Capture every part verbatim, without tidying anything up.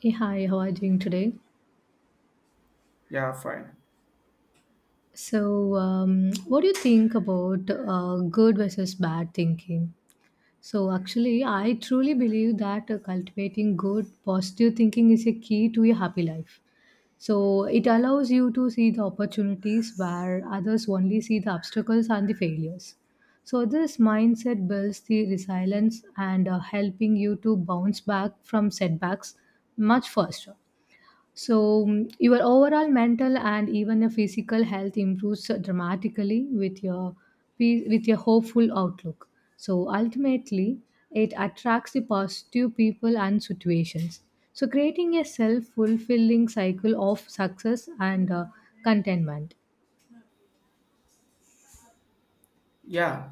Hey, hi, how are you doing today? Yeah, fine. So, um, what do you think about uh, good versus bad thinking? So, actually, I truly believe that uh, cultivating good, positive thinking is a key to a happy life. So, it allows you to see the opportunities where others only see the obstacles and the failures. So, this mindset builds the resilience and uh, helping you to bounce back from setbacks much faster. So, mm, your overall mental and even your physical health improves dramatically with your pe- with your hopeful outlook. So, ultimately, it attracts the positive people and situations. So, creating a self-fulfilling cycle of success and uh, contentment. Yeah,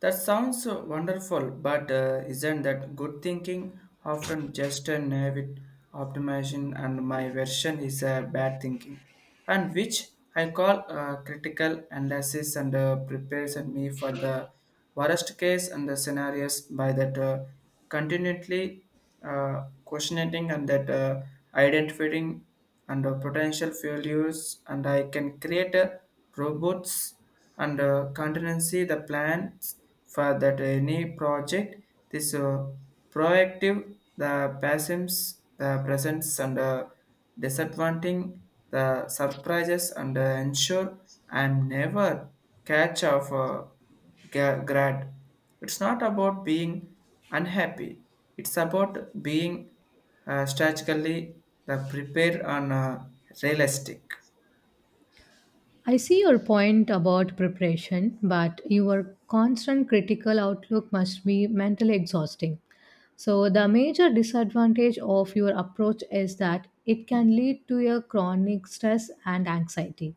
that sounds uh, wonderful, but uh, isn't that good thinking often just a naivety optimization, and my version is a bad thinking, and which I call uh, critical analysis and uh, prepares and me for the worst case and the scenarios by that uh, continually uh, questioning and that uh, identifying and uh, potential failures, and I can create a robots and uh, contingency the plans for that any project. This uh, proactive the pessims the presents and uh, disadvantaging the surprises and uh, ensure I'm never catch of uh, ga- grad. It's not about being unhappy, it's about being uh, strategically the prepared and uh, realistic. I see your point about preparation, but your constant critical outlook must be mentally exhausting. So, the major disadvantage of your approach is that it can lead to a chronic stress and anxiety,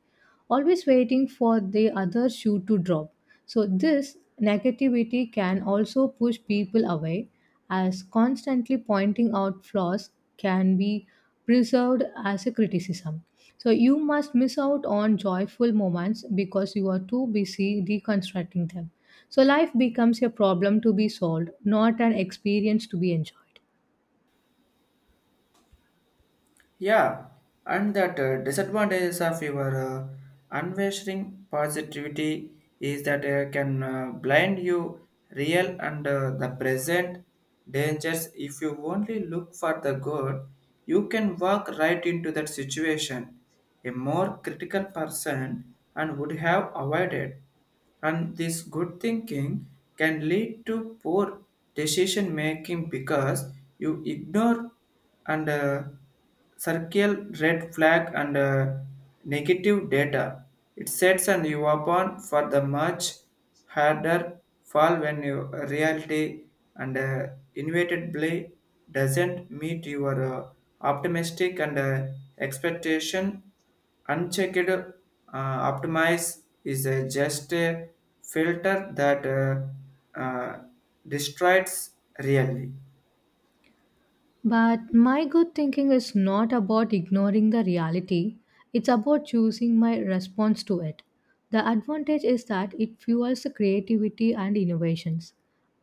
always waiting for the other shoe to drop. So, this negativity can also push people away, as constantly pointing out flaws can be preserved as a criticism. So you must miss out on joyful moments because you are too busy deconstructing them. So life becomes a problem to be solved, not an experience to be enjoyed. Yeah, and that uh, disadvantages of your uh, unwavering positivity is that uh, can uh, blind you real and uh, the present dangers. If you only look for the good, you can walk right into that situation. A more critical person and would have avoided. And this good thinking can lead to poor decision making because you ignore and uh, circle red flag and uh, negative data. It sets and you upon for the much harder fall when your reality and uh, inevitably doesn't meet your uh, optimistic and uh, expectation. Unchecked uh, optimize is a just a filter that uh, uh, destroys really. But my good thinking is not about ignoring the reality, it's about choosing my response to it. The advantage is that it fuels the creativity and innovations.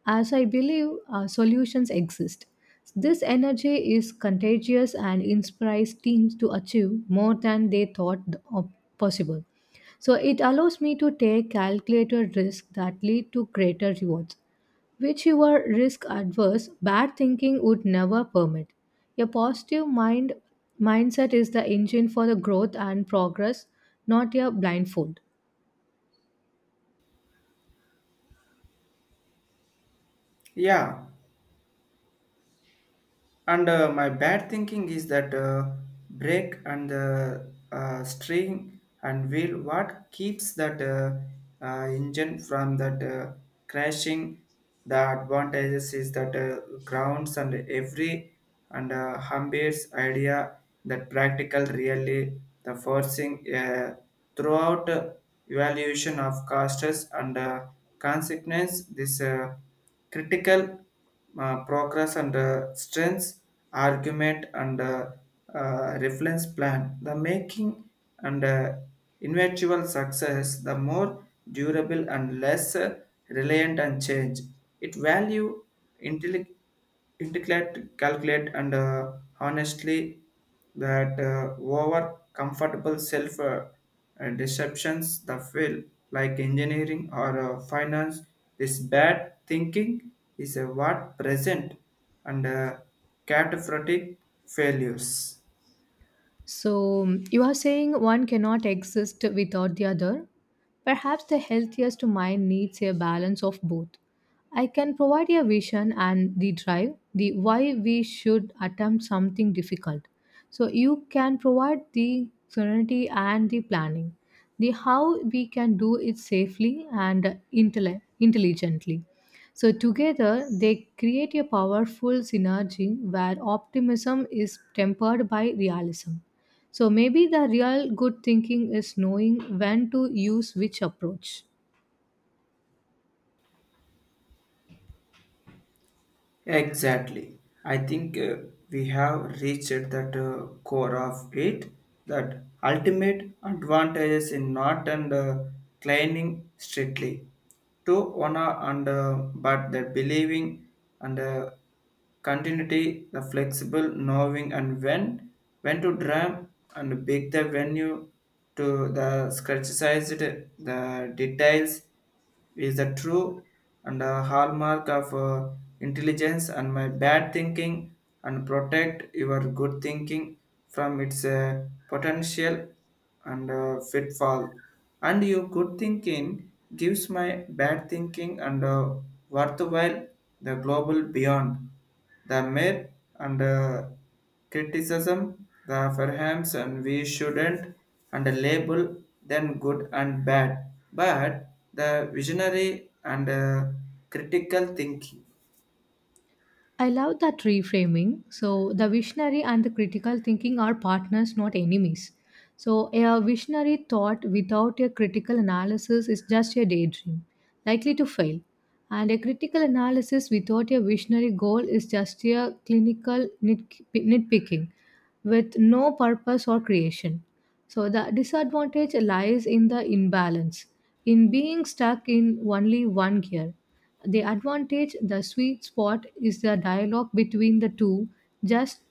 As I believe, uh, solutions exist. This energy is contagious and inspires teams to achieve more than they thought of- possible. So it allows me to take calculated risks that lead to greater rewards which you are risk adverse, bad thinking would never permit. A positive mind mindset is the engine for the growth and progress, not a blindfold. Yeah, and uh, my bad thinking is that uh, brake and the uh, string and wheel what keeps that uh, uh, engine from that uh, crashing. The advantages is that uh, grounds and every and uh, Humbert's idea that practical really the forcing uh, throughout uh, evaluation of costs and uh, consequence. This uh, critical uh, progress and uh, strengths argument and uh, uh, reference plan the making and uh, eventual success the more durable and less uh, reliant on change. It value intelligence integrate, calculate, and uh, honestly, that uh, over comfortable self uh, uh, deceptions, the field like engineering or uh, finance, this bad thinking is a what present and uh, catastrophic failures. So, um, you are saying one cannot exist without the other? Perhaps the healthiest mind needs a balance of both. I can provide a vision and the drive, the why we should attempt something difficult. So, you can provide the serenity and the planning, the how we can do it safely and intelli- intelligently. So, together they create a powerful synergy where optimism is tempered by realism. So maybe the real good thinking is knowing when to use which approach. Exactly. I think uh, we have reached that uh, core of it, that ultimate advantages in not and uh, climbing strictly to honor and uh, but the believing and uh, continuity, the flexible knowing and when when to drum and pick the venue to the scratchized the details is the true and a hallmark of uh, intelligence, and my bad thinking and protect your good thinking from its uh, potential and uh, fitfall. And your good thinking gives my bad thinking and uh, worthwhile the global beyond. The myth and uh, criticism, the perhaps and we shouldn't and label then good and bad, but the visionary and uh, critical thinking. I love that reframing. So, the visionary and the critical thinking are partners, not enemies. So, a visionary thought without a critical analysis is just a daydream, likely to fail. And a critical analysis without a visionary goal is just a clinical nitp- nitpicking with no purpose or creation. So, the disadvantage lies in the imbalance, in being stuck in only one gear. The advantage, the sweet spot, is the dialogue between the two, just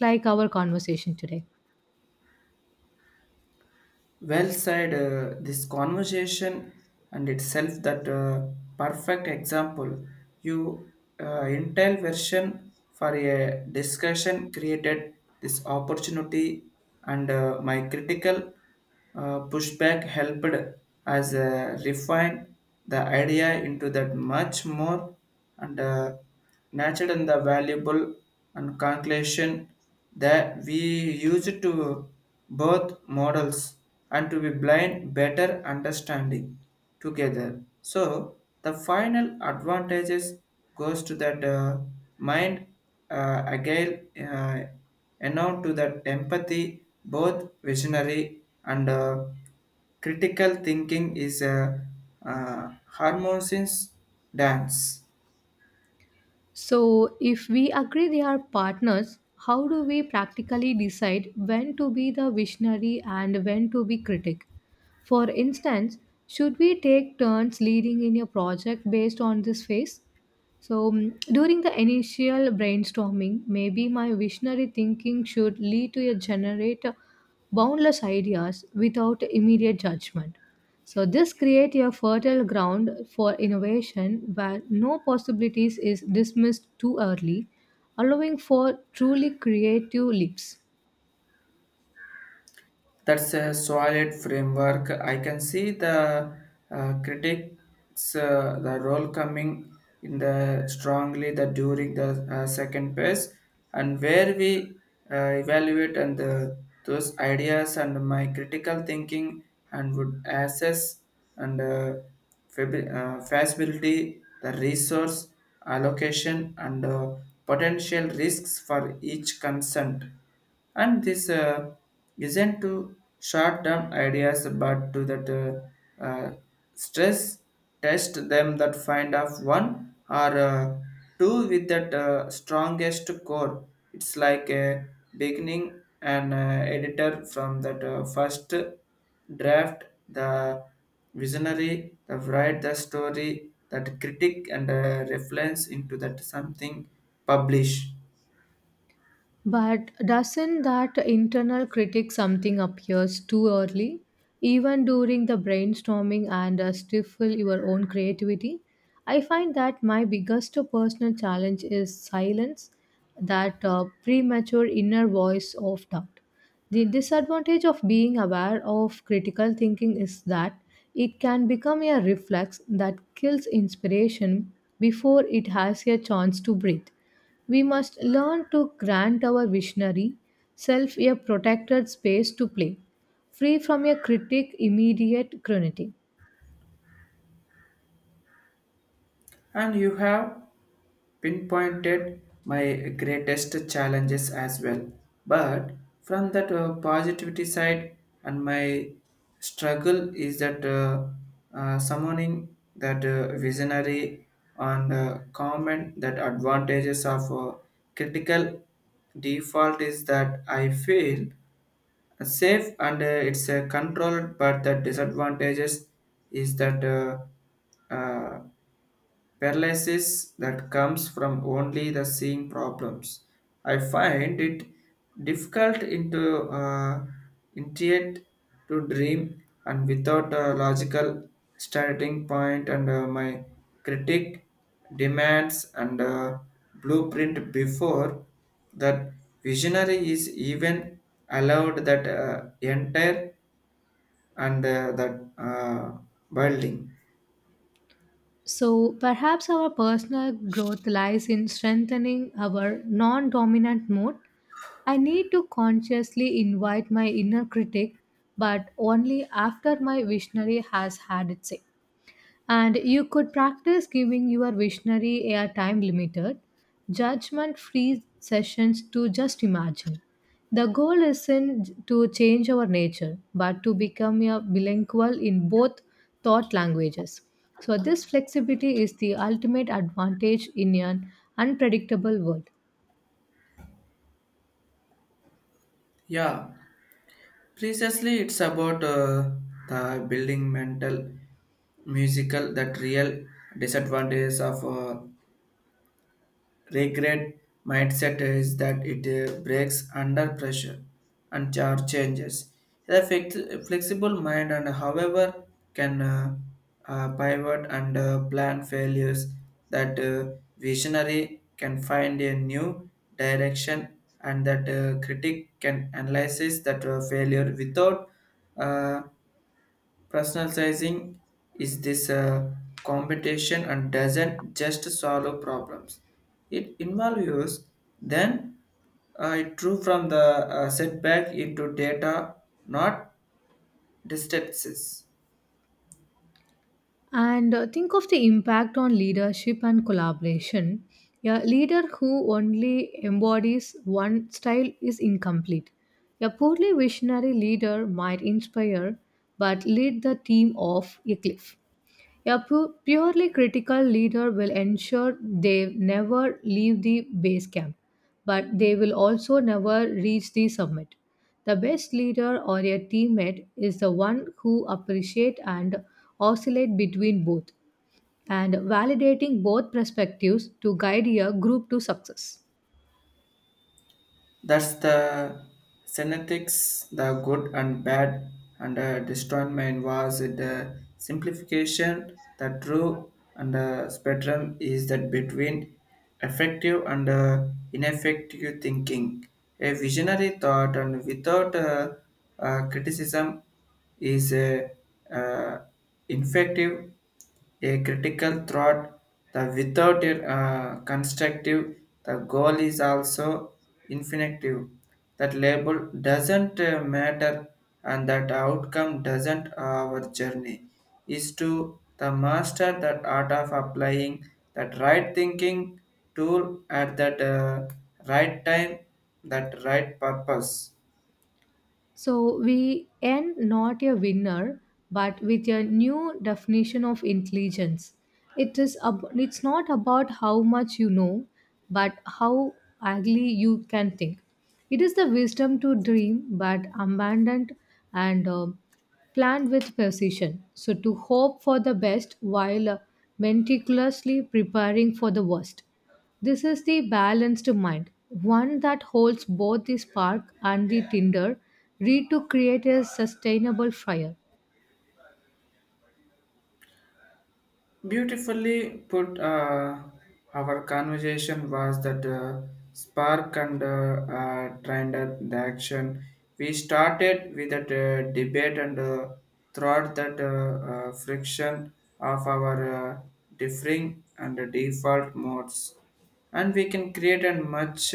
like our conversation today. Well said. Uh, this conversation and itself that uh, perfect example. You uh, Intel version for a discussion created this opportunity, and uh, my critical uh, pushback helped as uh, refine the idea into that much more and uh, natural and the valuable and conclusion that we used to both models and to be blind better understanding together. So the final advantages goes to that uh, mind uh, again uh, and on to that empathy. Both visionary and uh, critical thinking is a uh, harmonious dance. So, if we agree they are partners, how do we practically decide when to be the visionary and when to be critic? For instance, should we take turns leading in a project based on this phase? So, mm, during the initial brainstorming, maybe my visionary thinking should lead to a generate boundless ideas without immediate judgment. So, this creates a fertile ground for innovation where no possibilities is dismissed too early, allowing for truly creative leaps. That's a solid framework. I can see the uh, critics, uh, the role coming in the strongly the during the uh, second phase, and where we uh, evaluate and the, those ideas, and my critical thinking and would assess and uh, fab- uh, feasibility, the resource allocation and uh, potential risks for each consent. And this uh, isn't to short-term ideas, but to that uh, uh, stress test them, that find of one or uh, two with that uh, strongest core. It's like a beginning an uh, editor from that uh, first draft. The visionary the write the story, that critic and uh, reference into that something publish. But doesn't that internal critic something appears too early, even during the brainstorming and uh, stifle your own creativity? I find that my biggest personal challenge is silence, that uh, premature inner voice of doubt. The disadvantage of being aware of critical thinking is that it can become a reflex that kills inspiration before it has a chance to breathe. We must learn to grant our visionary self a protected space to play, free from a critic immediate cruelty. And you have pinpointed my greatest challenges as well. But from that uh, positivity side, and my struggle is that uh, uh, summoning that uh, visionary and uh, comment. That advantages of uh, critical default is that I feel safe and uh, it's uh, controlled, but the disadvantages is that. Uh, uh, Paralysis that comes from only the seeing problems. I find it difficult into uh, intuit to dream and without a logical starting point, and uh, my critic demands and uh, blueprint before that visionary is even allowed that uh, enter and uh, that uh, building. So perhaps our personal growth lies in strengthening our non dominant mode. I need to consciously invite my inner critic, but only after my visionary has had its say. And you could practice giving your visionary a time limited, judgment free sessions to just imagine. The goal isn't to change our nature, but to become a bilingual in both thought languages. So, this flexibility is the ultimate advantage in an unpredictable world. Yeah. Precisely, it's about uh, the building mental musical. That real disadvantages of uh, Regret mindset is that it uh, breaks under pressure and char- changes. The flex- flexible mind, and however, can uh, uh, pivot and uh, plan failures. That uh, visionary can find a new direction, and that uh, critic can analyze that uh, failure without uh, Personalizing. Is this a competition? And doesn't just solve problems. It involves then uh, it drew from the uh, setback into data, not distances. And uh, think of the impact on leadership and collaboration. A leader who only embodies one style is incomplete. A poorly visionary leader might inspire but lead the team off a cliff. A pu- purely critical leader will ensure they never leave the base camp, but they will also never reach the summit. The best leader or a teammate is the one who appreciate and oscillate between both and validating both perspectives to guide a group to success. That's the synetics, the good and bad, and uh, destroyment was the simplification. The true and the spectrum is that between effective and uh, ineffective thinking. A visionary thought and without uh, uh, criticism is uh, uh, ineffective. A critical thought the without a uh, constructive, the goal is also infinitive. That label doesn't uh, matter, and that outcome doesn't our journey is to the master that art of applying that right thinking tool at that uh, right time, that right purpose. So we end not a winner, but with a new definition of intelligence. It is ab- it's not about how much you know, but how ugly you can think. It is the wisdom to dream, but abandoned and um planned with precision. So to hope for the best while uh, meticulously preparing for the worst. This is the balanced mind, one that holds both the spark and the tinder, read to create a sustainable fire. Beautifully put. Uh, our conversation was that uh, spark and uh, uh, trend and the action. We started with that uh, debate and uh, throughout that uh, uh, friction of our uh, differing and default modes, and we can create a much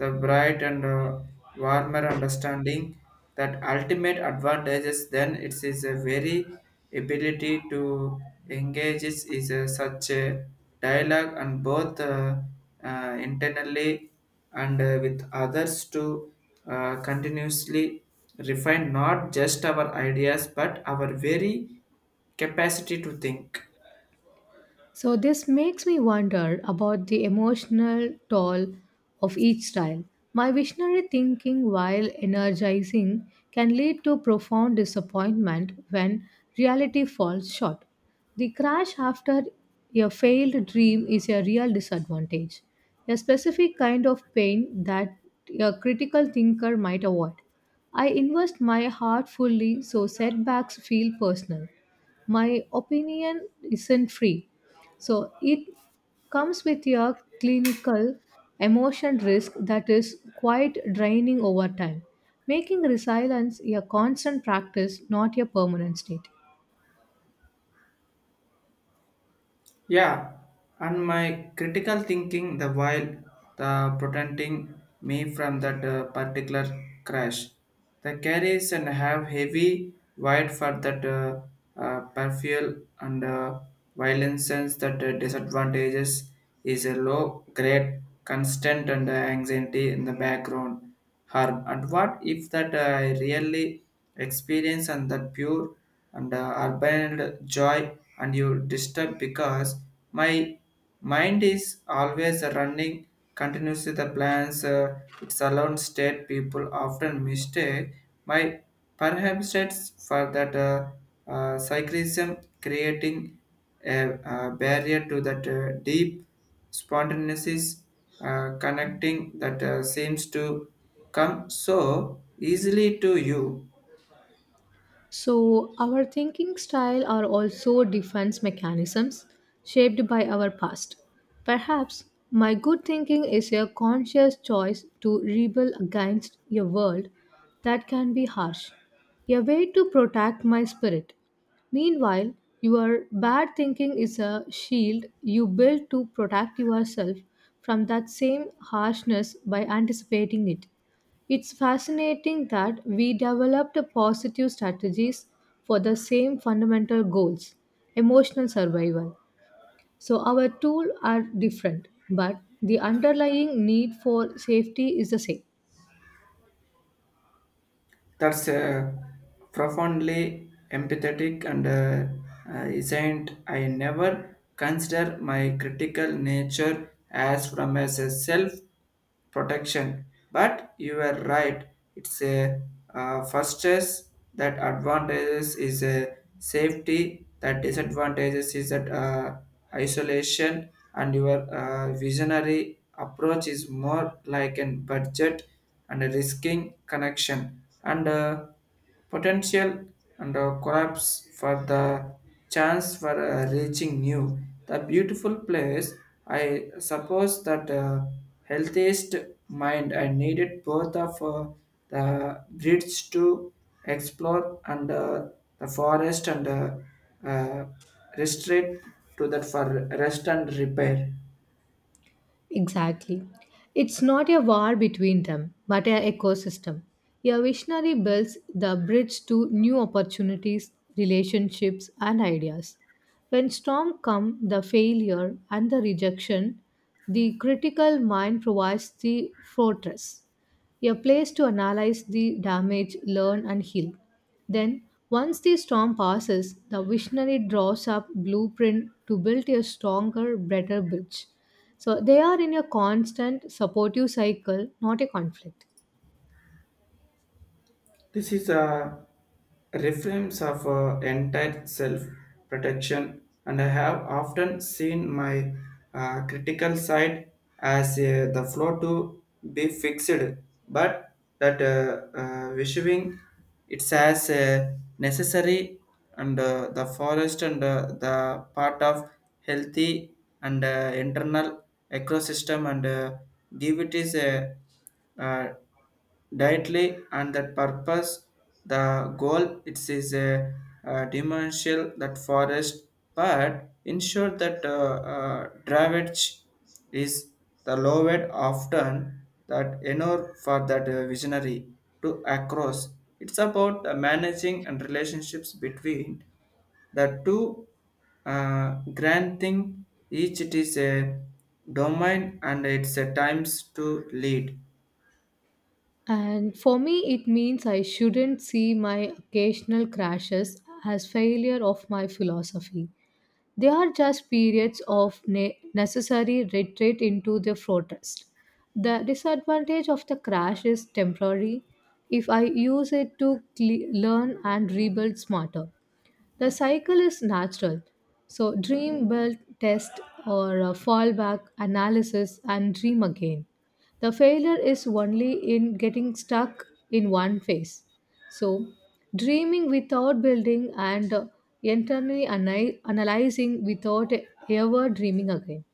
the bright and uh, warmer understanding. That ultimate advantages then it is a very ability to engage is, is a, such a dialogue and both uh, uh, internally and uh, with others to uh, continuously refine not just our ideas but our very capacity to think. So this makes me wonder about the emotional toll of each style. My visionary thinking while energizing can lead to profound disappointment when reality falls short. The crash after a failed dream is a real disadvantage, a specific kind of pain that a critical thinker might avoid. I invest my heart fully so setbacks feel personal. My opinion isn't free. So it comes with your clinical emotion risk that is quite draining over time, making resilience a constant practice, not a permanent state. Yeah, and my critical thinking the while the protecting me from that uh, particular crash. The carries and have heavy wide for that uh, uh, perfuel and uh, violence sense. That uh, disadvantages is a low grade constant and uh, anxiety in the background harm. And what if that uh, I really experience and that pure and uh, urban joy and you disturb because my mind is always running continuously the plans uh, its alone state. People often mistake my perhaps it's for that uh, uh, cyclism, creating a uh barrier to that uh, deep spontaneous uh, connecting that uh, seems to come so easily to you. So, our thinking style are also defense mechanisms shaped by our past. Perhaps my good thinking is a conscious choice to rebel against a world that can be harsh, a way to protect my spirit. Meanwhile, your bad thinking is a shield you build to protect yourself from that same harshness by anticipating it. It's fascinating that we developed positive strategies for the same fundamental goals, emotional survival. So our tools are different, but the underlying need for safety is the same. That's uh, profoundly empathetic and uh, uh, isn't. I never consider my critical nature as from as a self protection. But you are right. It's a uh, first is that advantages is a safety. That disadvantages is that uh, isolation. And your uh, visionary approach is more like an budget and risking connection and uh, potential and uh, collapse for the chance for uh, reaching new the beautiful place. I suppose that uh, healthiest mind I needed both of uh, the bridge to explore and uh, the forest and uh, uh, restrict to that for rest and repair. Exactly. It's not a war between them, but an ecosystem. A visionary builds the bridge to new opportunities, relationships, and ideas. When storm come, the failure and the rejection, the critical mind provides the fortress a place to analyze the damage, learn, and heal. Then, once the storm passes, the visionary draws up blueprint to build a stronger, better bridge. So they are in a constant supportive cycle, not a conflict. This is a reference of uh, entire self protection, and I have often seen my uh, critical side as uh, the flow to be fixed, but that uh, uh, wishing it's as uh, necessary and uh, the forest and uh, the part of healthy and uh, internal ecosystem and uh, give it is a uh, directly and that purpose. The goal it is a, uh dimensional that forest, but ensure that uh, uh, drawage is the lowered often that enor for that uh, visionary to across. It's about uh, managing and relationships between the two uh, grand thing. Each it is a domain and it's a times to lead. And for me, it means I shouldn't see my occasional crashes as failure of my philosophy. They are just periods of ne- necessary retreat into the fortress. The disadvantage of the crash is temporary if I use it to cle- learn and rebuild smarter. The cycle is natural. So, dream, build, test, or uh, fall back, analysis, and dream again. The failure is only in getting stuck in one phase. So, dreaming without building and uh, internally ana- analyzing without ever dreaming again.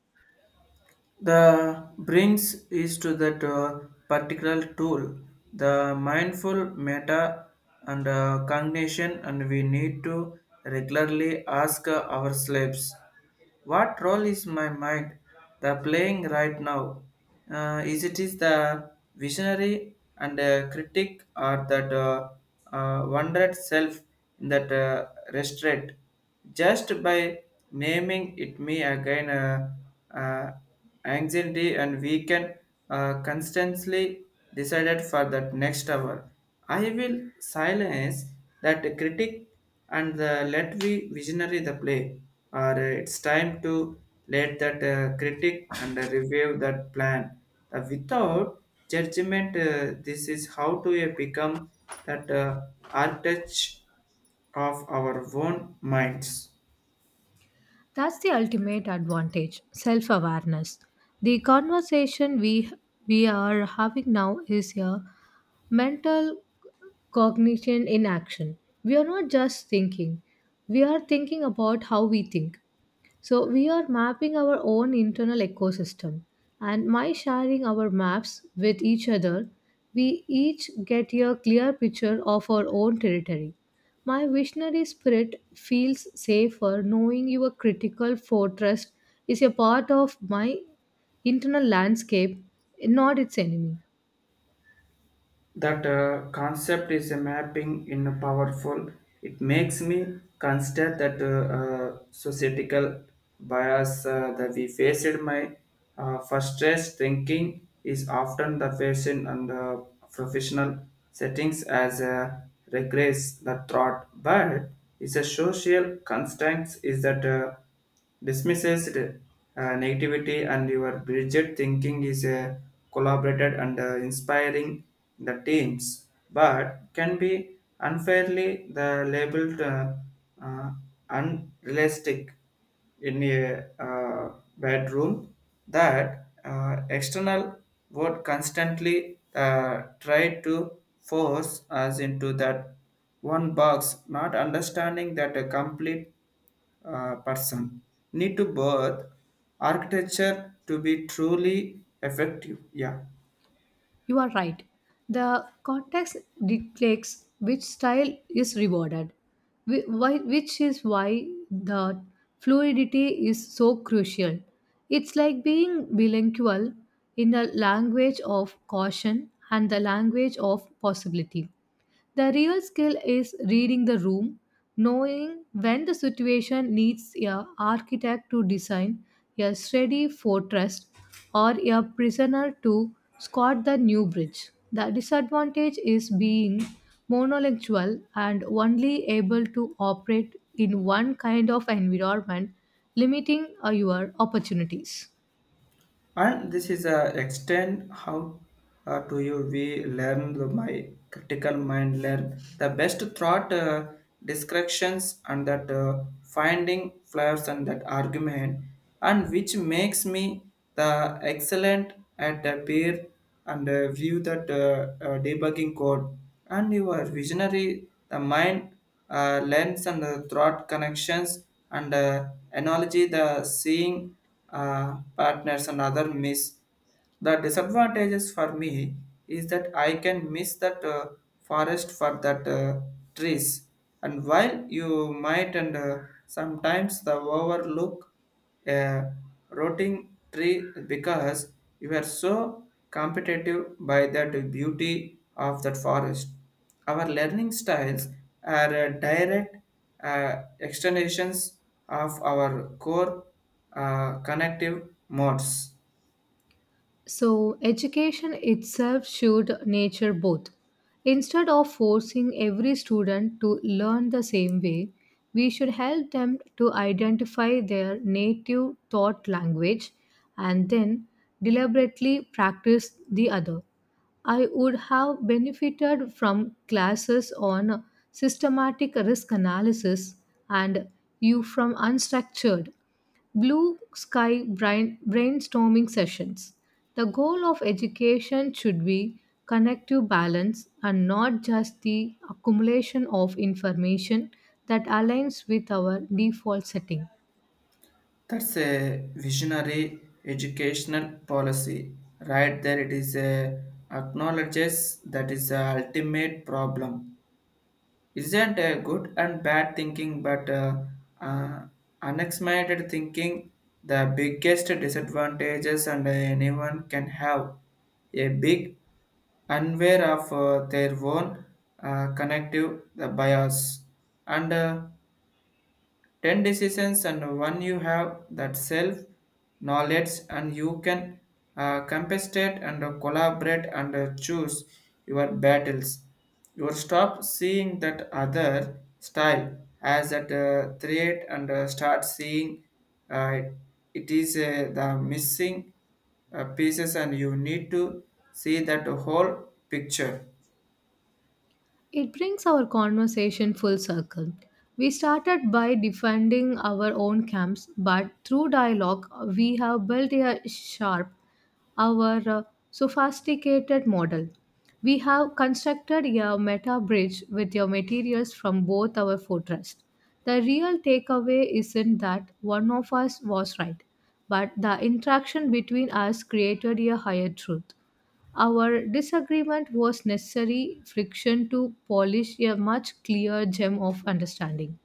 The brings is to that uh, particular tool, the mindful meta and uh, cognition, and we need to regularly ask uh, ourselves, what role is my mind the playing right now? Uh, is it is the visionary and uh, critic, or that uh, uh, wondered self in that uh, restraint? Just by naming it may again uh, uh, anxiety, and we can uh, constantly decided for that next hour. I will silence that critic and the let we visionary the play, or uh, it's time to let that uh, critic and uh, review that plan. The without judgment, uh, this is how to uh, become that uh, architect of our own minds. That's the ultimate advantage, self awareness. The conversation we, we are having now is a mental cognition in action. We are not just thinking, we are thinking about how we think. So we are mapping our own internal ecosystem and by sharing our maps with each other, we each get a clear picture of our own territory. My visionary spirit feels safer knowing your critical fortress is a part of my internal landscape, not its enemy. That uh, concept is a mapping in a powerful. It makes me consider that uh, uh, societal bias uh, that we faced. My uh, first stress thinking is often the fashion and the professional settings as a regress the thought, but is a social constraint is that uh, dismisses the, uh, negativity and your rigid thinking is uh, collaborated and uh, inspiring the teams but can be unfairly the labeled uh, uh, unrealistic in a uh, bedroom that uh, external world constantly uh, try to force us into that one box, not understanding that a complete uh, person need to birth architecture to be truly effective. Yeah. You are right. The context dictates which style is rewarded, whi- why- which is why the fluidity is so crucial. It's like being bilingual in the language of caution and the language of possibility. The real skill is reading the room, knowing when the situation needs a architect to design a sturdy fortress or a prisoner to squat the new bridge. The disadvantage is being monolingual and only able to operate in one kind of environment, limiting uh, your opportunities. And this is a extend how uh, do you we learn the my critical mind learn the best thought uh, descriptions and that uh, finding flaws and that argument and which makes me the excellent at the peer and uh, view that uh, uh, debugging code and your visionary the mind uh, lens and the throat connections and uh, analogy the seeing uh, partners and other miss the disadvantages for me is that I can miss that uh, forest for that uh, trees and while you might and uh, sometimes the overlook a rotting tree because you are so competitive by that beauty of that forest our learning styles are uh, direct uh, extensions of our core uh, connective modes. So, education itself should nature both. Instead of forcing every student to learn the same way, we should help them to identify their native thought language and then deliberately practice the other. I would have benefited from classes on systematic risk analysis and you from unstructured Blue Sky brain- Brainstorming Sessions. The goal of education should be connective balance and not just the accumulation of information that aligns with our default setting. That's a visionary educational policy. Right there, it is a acknowledges that is the ultimate problem isn't a good and bad thinking but uh, uh, unexamined thinking the biggest disadvantages and anyone can have a big unaware of uh, their own uh, connective the bias and uh, ten decisions and one you have that self knowledge and you can uh, compensate and uh, collaborate and uh, choose your battles. You will stop seeing that other style as a uh, threat and uh, start seeing uh, it is uh, the missing uh, pieces and you need to see that whole picture It brings our conversation full circle. We started by defending our own camps, but through dialogue, we have built a sharp, our uh, sophisticated model. We have constructed a meta bridge with your materials from both our fortress. The real takeaway isn't that one of us was right, but the interaction between us created a higher truth. Our disagreement was necessary friction to polish a much clearer gem of understanding.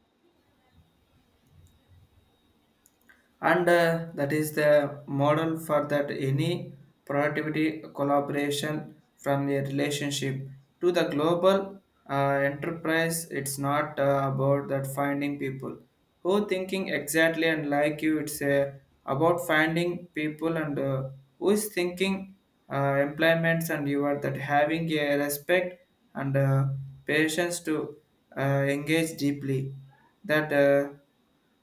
and uh, that is the model for that any productivity collaboration from a relationship to the global uh, enterprise. It's not uh, about that finding people who thinking exactly and like you. It's uh, about finding people and uh, who is thinking uh, employments and you are that having a respect and uh, patience to uh, engage deeply that uh,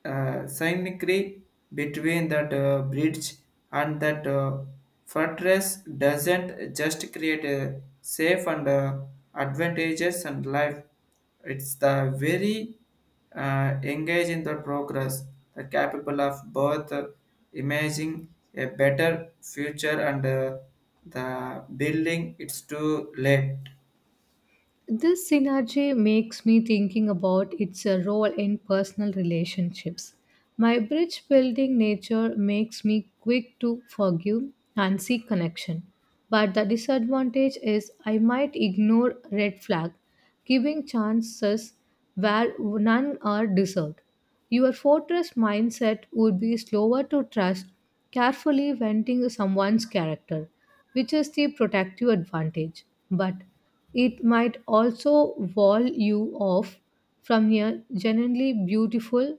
uh, significantly between that uh, bridge and that uh, fortress doesn't just create a safe and uh, advantages and life. It's the very uh, engage in the progress the capable of both uh, imagining a better future and uh, the building it's too late. This synergy makes me thinking about its uh, role in personal relationships. My bridge building nature makes me quick to forgive and seek connection. But the disadvantage is I might ignore red flag, giving chances where none are deserved. Your fortress mindset would be slower to trust, carefully venting someone's character, which is the protective advantage. But it might also wall you off from your genuinely beautiful,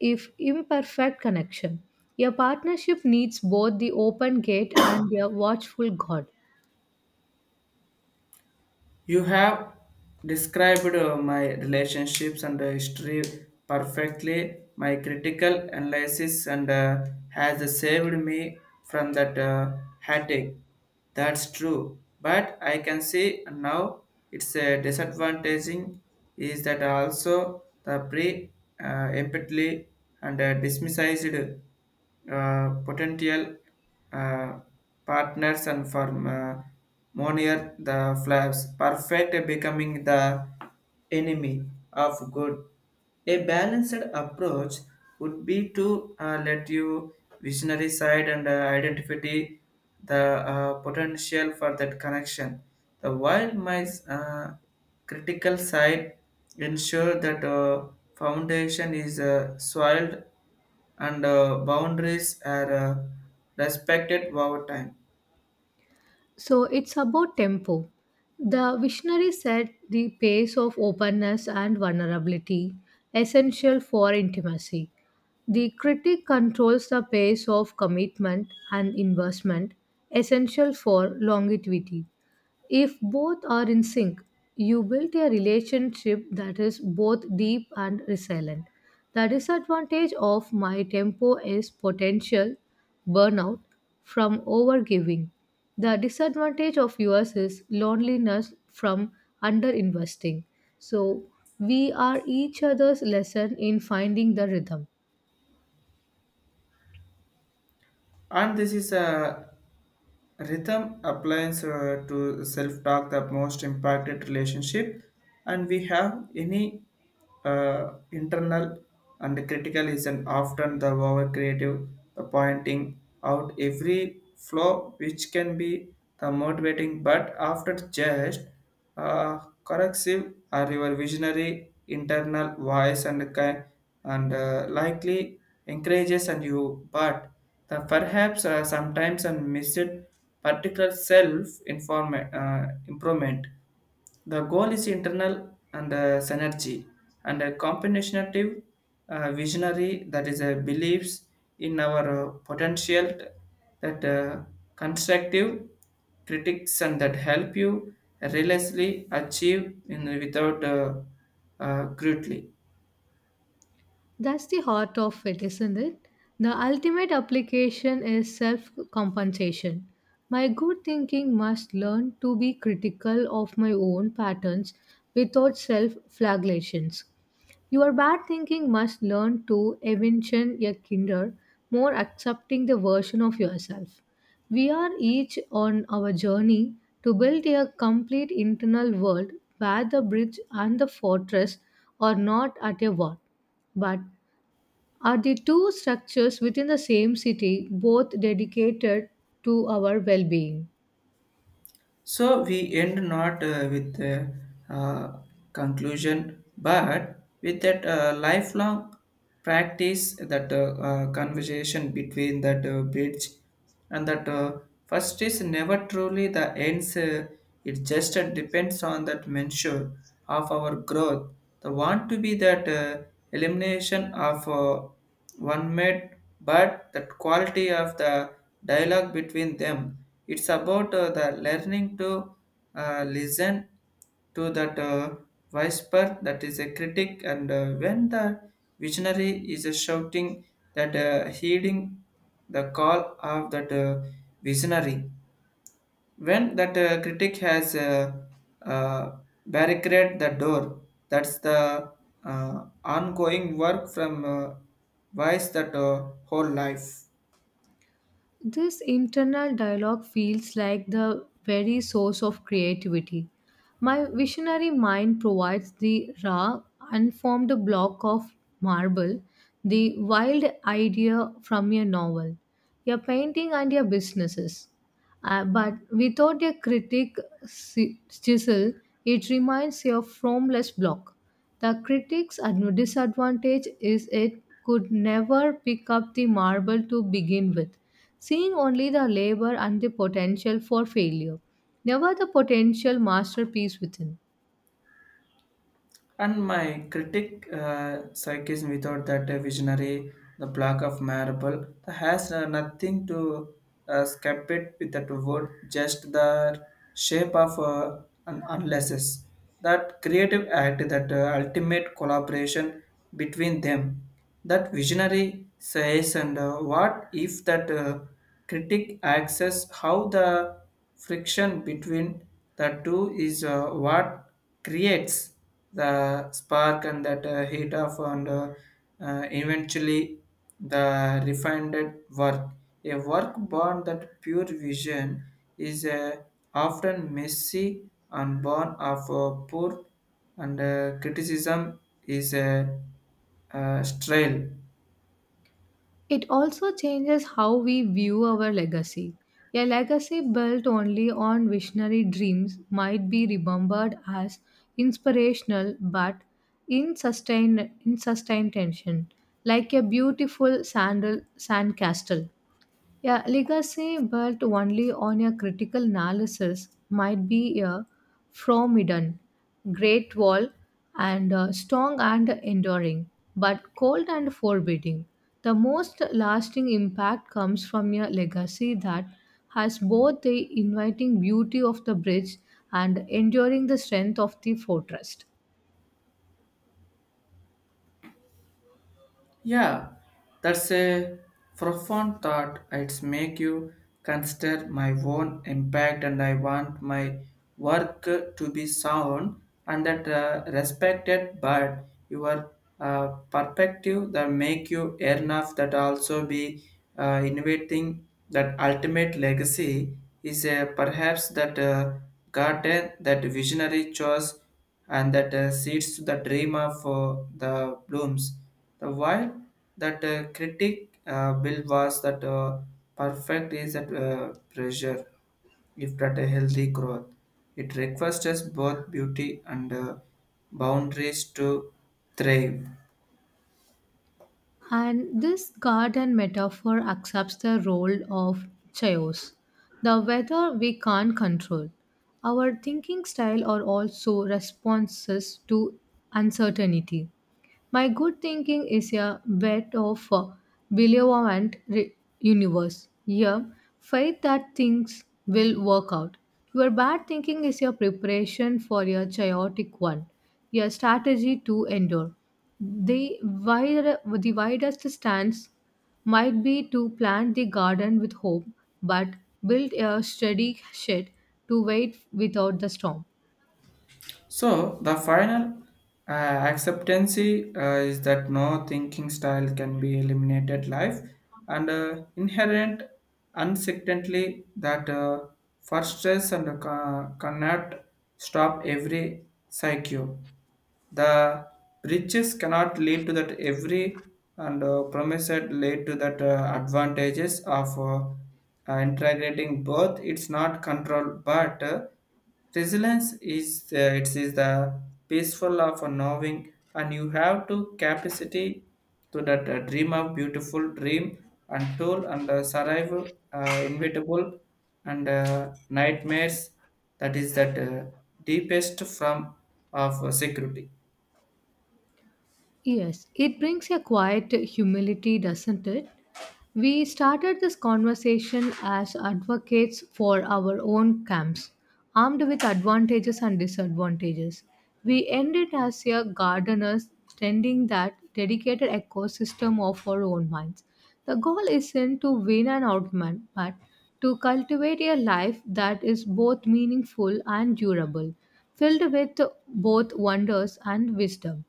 if imperfect, connection. Your partnership needs both the open gate and your watchful God. You have described uh, my relationships and uh, history perfectly. My critical analysis and uh, has saved me from that uh, headache. That's true. But I can see now it's a disadvantaging is that also the pre uh, empathy and uh, dismissed uh, potential uh, partners and for uh, Monier the flaws, perfect becoming the enemy of good. A balanced approach would be to uh, let you visionary side and uh, identify the uh, potential for that connection. The while my uh, critical side ensure that uh, foundation is uh, soiled and uh, boundaries are uh, respected over time. So it's about tempo. The visionary set the pace of openness and vulnerability, essential for intimacy. The critic controls the pace of commitment and investment, essential for longevity. If both are in sync, you build a relationship that is both deep and resilient. The disadvantage of my tempo is potential burnout from overgiving. The disadvantage of yours is loneliness from underinvesting. So, we are each other's lesson in finding the rhythm. And this is a rhythm applies uh, to self-talk the most impacted relationship and we have any uh, internal and critical is an often the over creative the pointing out every flaw which can be the motivating but after just uh, corrective are your visionary internal voice and ki- and uh, likely encourages and you but the perhaps uh, sometimes and missed particular self inform uh, improvement the goal is internal and uh, synergy and a combinational uh, visionary that is a beliefs in our uh, potential that uh, constructive critics and that help you relentlessly achieve in without uh, uh, crudely. That's the heart of it, isn't it? The ultimate application is self compensation. My good thinking must learn to be critical of my own patterns without self flagellations. Your bad thinking must learn to eventually a kinder, more accepting the version of yourself. We are each on our journey to build a complete internal world where the bridge and the fortress are not at a war, but are the two structures within the same city, both dedicated to our well being. So we end not uh, with a uh, conclusion, but with that uh, lifelong practice, that uh, uh, conversation between that uh, bridge and that uh, first is never truly the ends. Uh, it just uh, depends on that measure of our growth. The want to be that uh, elimination of uh, one made, but the quality of the dialogue between them. It's about uh, the learning to uh, listen to that uh, whisper that is a critic, and uh, when the visionary is uh, shouting that uh, heeding the call of that uh, visionary when that uh, critic has uh, uh, barricaded the door. That's the uh, ongoing work from uh, vice that uh, whole life. This internal dialogue feels like the very source of creativity. My visionary mind provides the raw, unformed block of marble, the wild idea from your novel, your painting, and your businesses. Uh, but without a critic si- chisel, it remains a formless block. The critic's ad- disadvantage is it could never pick up the marble to begin with, seeing only the labor and the potential for failure, never the potential masterpiece within. And my critic uh, psychism without that uh, visionary, the block of marble, that has uh, nothing to uh, skip it with that word, just the shape of uh, an unlesses. That creative act, that uh, ultimate collaboration between them, that visionary says, and uh, what if that uh, critic access how the friction between the two is uh, what creates the spark and that uh, heat of and uh, uh, eventually the refined work. A work born that pure vision is uh, often messy and born of uh, poor and uh, criticism is a uh, uh, strail. It also changes how we view our legacy. A legacy built only on visionary dreams might be remembered as inspirational but in sustained, in sustained tension, like a beautiful sandal, sand castle. Yeah, legacy built only on a critical analysis might be a formidable, great wall, and uh, strong and enduring, but cold and forbidding. The most lasting impact comes from a legacy that has both the inviting beauty of the bridge and enduring the strength of the fortress. Yeah, that's a profound thought. It's make you consider my own impact and I want my work to be sound and that uh, respected but your uh, perspective that make you enough that also be uh, innovating that ultimate legacy is uh, perhaps that uh, garden that visionary choice and that uh, seeds to the dream of uh, the blooms the while that uh, critic uh, Bill was that uh, perfect is that uh, pressure, if that a healthy growth, it requires us both beauty and uh, boundaries to thrive. And this garden metaphor accepts the role of chaos, the weather we can't control. Our thinking style are also responses to uncertainty. My good thinking is a bet of a believant re- universe. Yeah, faith that things will work out. Your bad thinking is your preparation for your chaotic one, your strategy to endure. The, wide, the widest stance might be to plant the garden with hope, but build a steady shed to wait without the storm. So the final uh, acceptancy uh, is that no thinking style can be eliminated life and uh, inherent uncertainty that uh, for stress and uh, cannot stop every psyche the riches cannot lead to that every and uh, promised lead to that uh, advantages of uh, uh, integrating both. It's not control but uh, resilience is uh, it is the peaceful of a knowing and you have to capacity to that uh, dream of beautiful dream and tool and uh, survive uh, inevitable and uh, nightmares that is that uh, deepest form of security. Yes, it brings a quiet humility, doesn't it? We started this conversation as advocates for our own camps, armed with advantages and disadvantages. We ended as a gardeners tending that dedicated ecosystem of our own minds. The goal isn't to win an argument, but to cultivate a life that is both meaningful and durable, filled with both wonders and wisdom.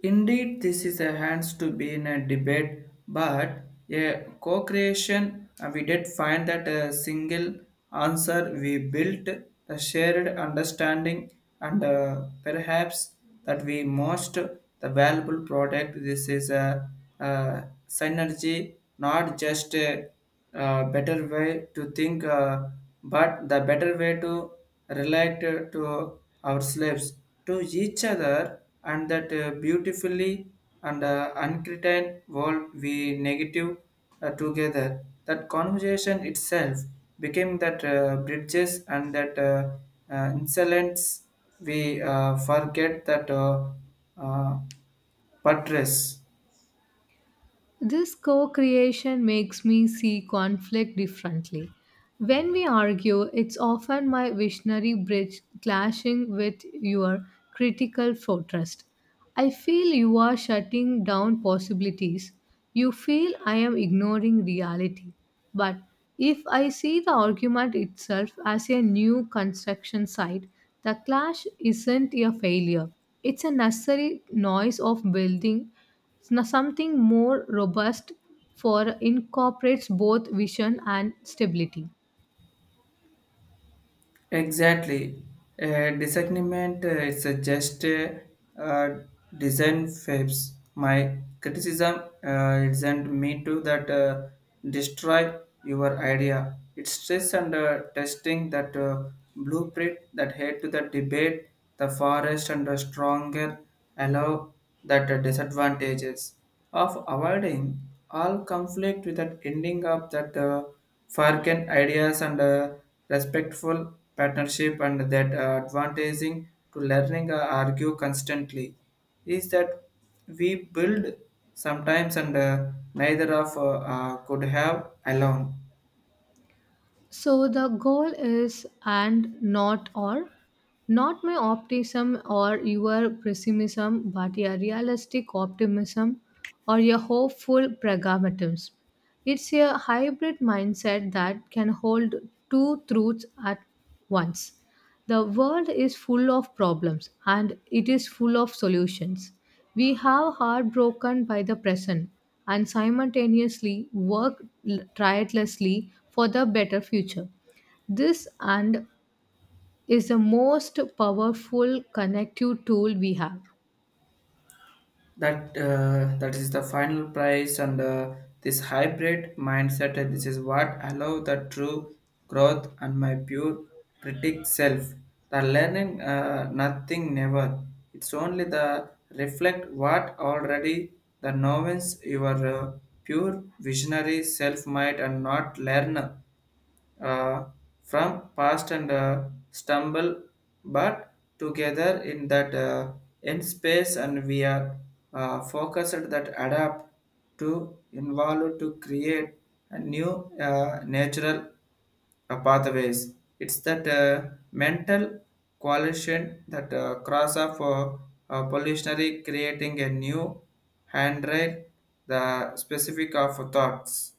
Indeed, this is a hands to be in a debate, but a co-creation uh, we did find that a single answer we built a shared understanding and uh, perhaps that we most the valuable product. This is a, uh synergy, not just a, uh better way to think, uh, but the better way to related to our slaves to each other and that uh, beautifully and uh, uncritical world we negative uh, together that conversation itself became that uh, bridges and that uh, uh, insolence we uh, forget that uh, uh, buttress. This co creation makes me see conflict differently. When we argue, it's often my visionary bridge clashing with your critical fortress. I feel you are shutting down possibilities. You feel I am ignoring reality. But if I see the argument itself as a new construction site, the clash isn't a failure. It's a necessary noise of building now, something more robust for incorporates both vision and stability. Exactly. Uh, disagreement uh, is a just uh, uh, design fabs. My criticism uh, isn't meant to that uh, destroy your idea. It's stress and uh, testing that uh, blueprint that head to the debate, the forest and the stronger allow that uh, disadvantages of avoiding all conflict without ending up that uh, forgotten ideas and uh, respectful partnership and that uh, advantaging to learning uh, argue constantly is that we build sometimes and uh, neither of uh, uh, could have alone So the goal is and not or not my optimism or your pessimism, but a realistic optimism or a hopeful pragmatism. It's a hybrid mindset that can hold two truths at once. The world is full of problems and it is full of solutions. We have heartbroken by the present and simultaneously work l- tirelessly for the better future. This and is the most powerful connective tool we have. that uh, that is the final price and uh, this hybrid mindset and this is what allow the true growth and my pure critic self the learning uh, nothing never it's only the reflect what already the novels your uh, pure visionary self might and not learn uh, from past and uh, stumble, but together in that uh, in space, and we are uh, focused that adapt to involve to create a new uh, natural uh, pathways. It's that uh, mental coalition that uh, cross of uh, uh, pollutionary creating a new handrail, the specific of thoughts.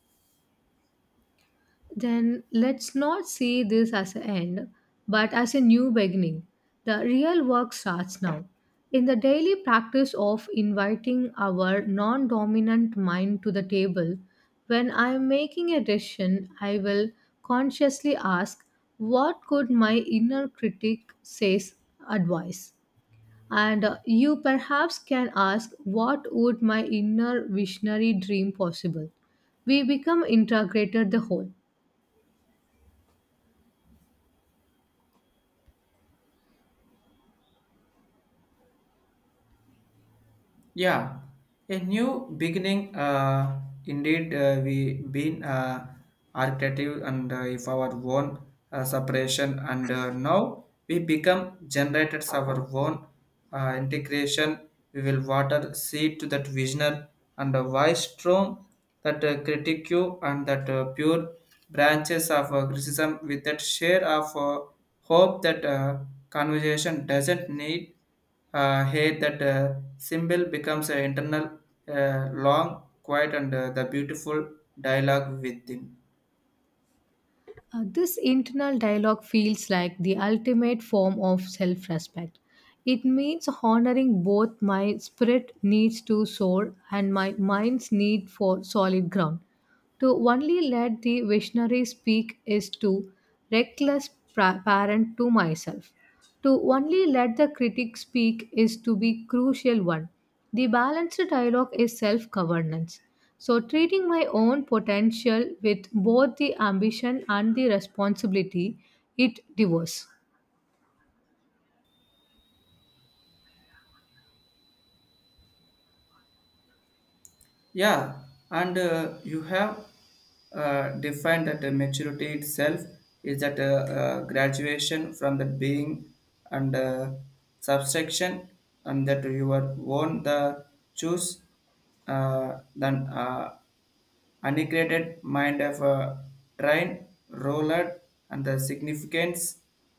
Then let's not see this as an end, but as a new beginning. The real work starts now. In the daily practice of inviting our non dominant mind to the table, when I am making a decision, I will consciously ask, what could my inner critic says advice? And uh, you perhaps can ask, what would my inner visionary dream possible? We become integrated the whole. Yeah, a new beginning. Uh, indeed, uh, we been uh, architective and uh, if our own uh, separation, and uh, now we become generated our own uh, integration. We will water seed to that visionary and a wise strong that uh, critique you and that uh, pure branches of uh, criticism with that share of uh, hope that uh, conversation doesn't need uh, hey that uh, symbol becomes an internal uh, long quiet and uh, the beautiful dialogue within. Uh, this internal dialogue feels like the ultimate form of self respect. It means honoring both my spirit needs to soar and my mind's need for solid ground. To only let the visionary speak is to reckless pra- parent to myself. To only let the critic speak is to be crucial one. The balanced dialogue is self-governance. So treating my own potential with both the ambition and the responsibility it devours. Yeah, and uh, you have uh, defined that the maturity itself is that uh, uh, graduation from the being and uh, subtraction and that you are own the choose uh, than uh, unequated mind of a train roller and the significance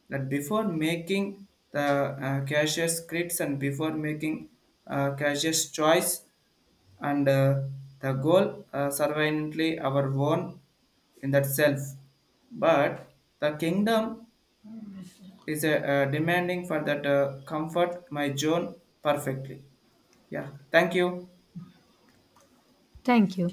that before making the uh, cautious scripts and before making uh, cautious choice and uh, the goal uh, survivantly our own in that self but the kingdom is uh, uh, demanding for that uh, comfort my zone perfectly. Yeah, thank you. Thank you.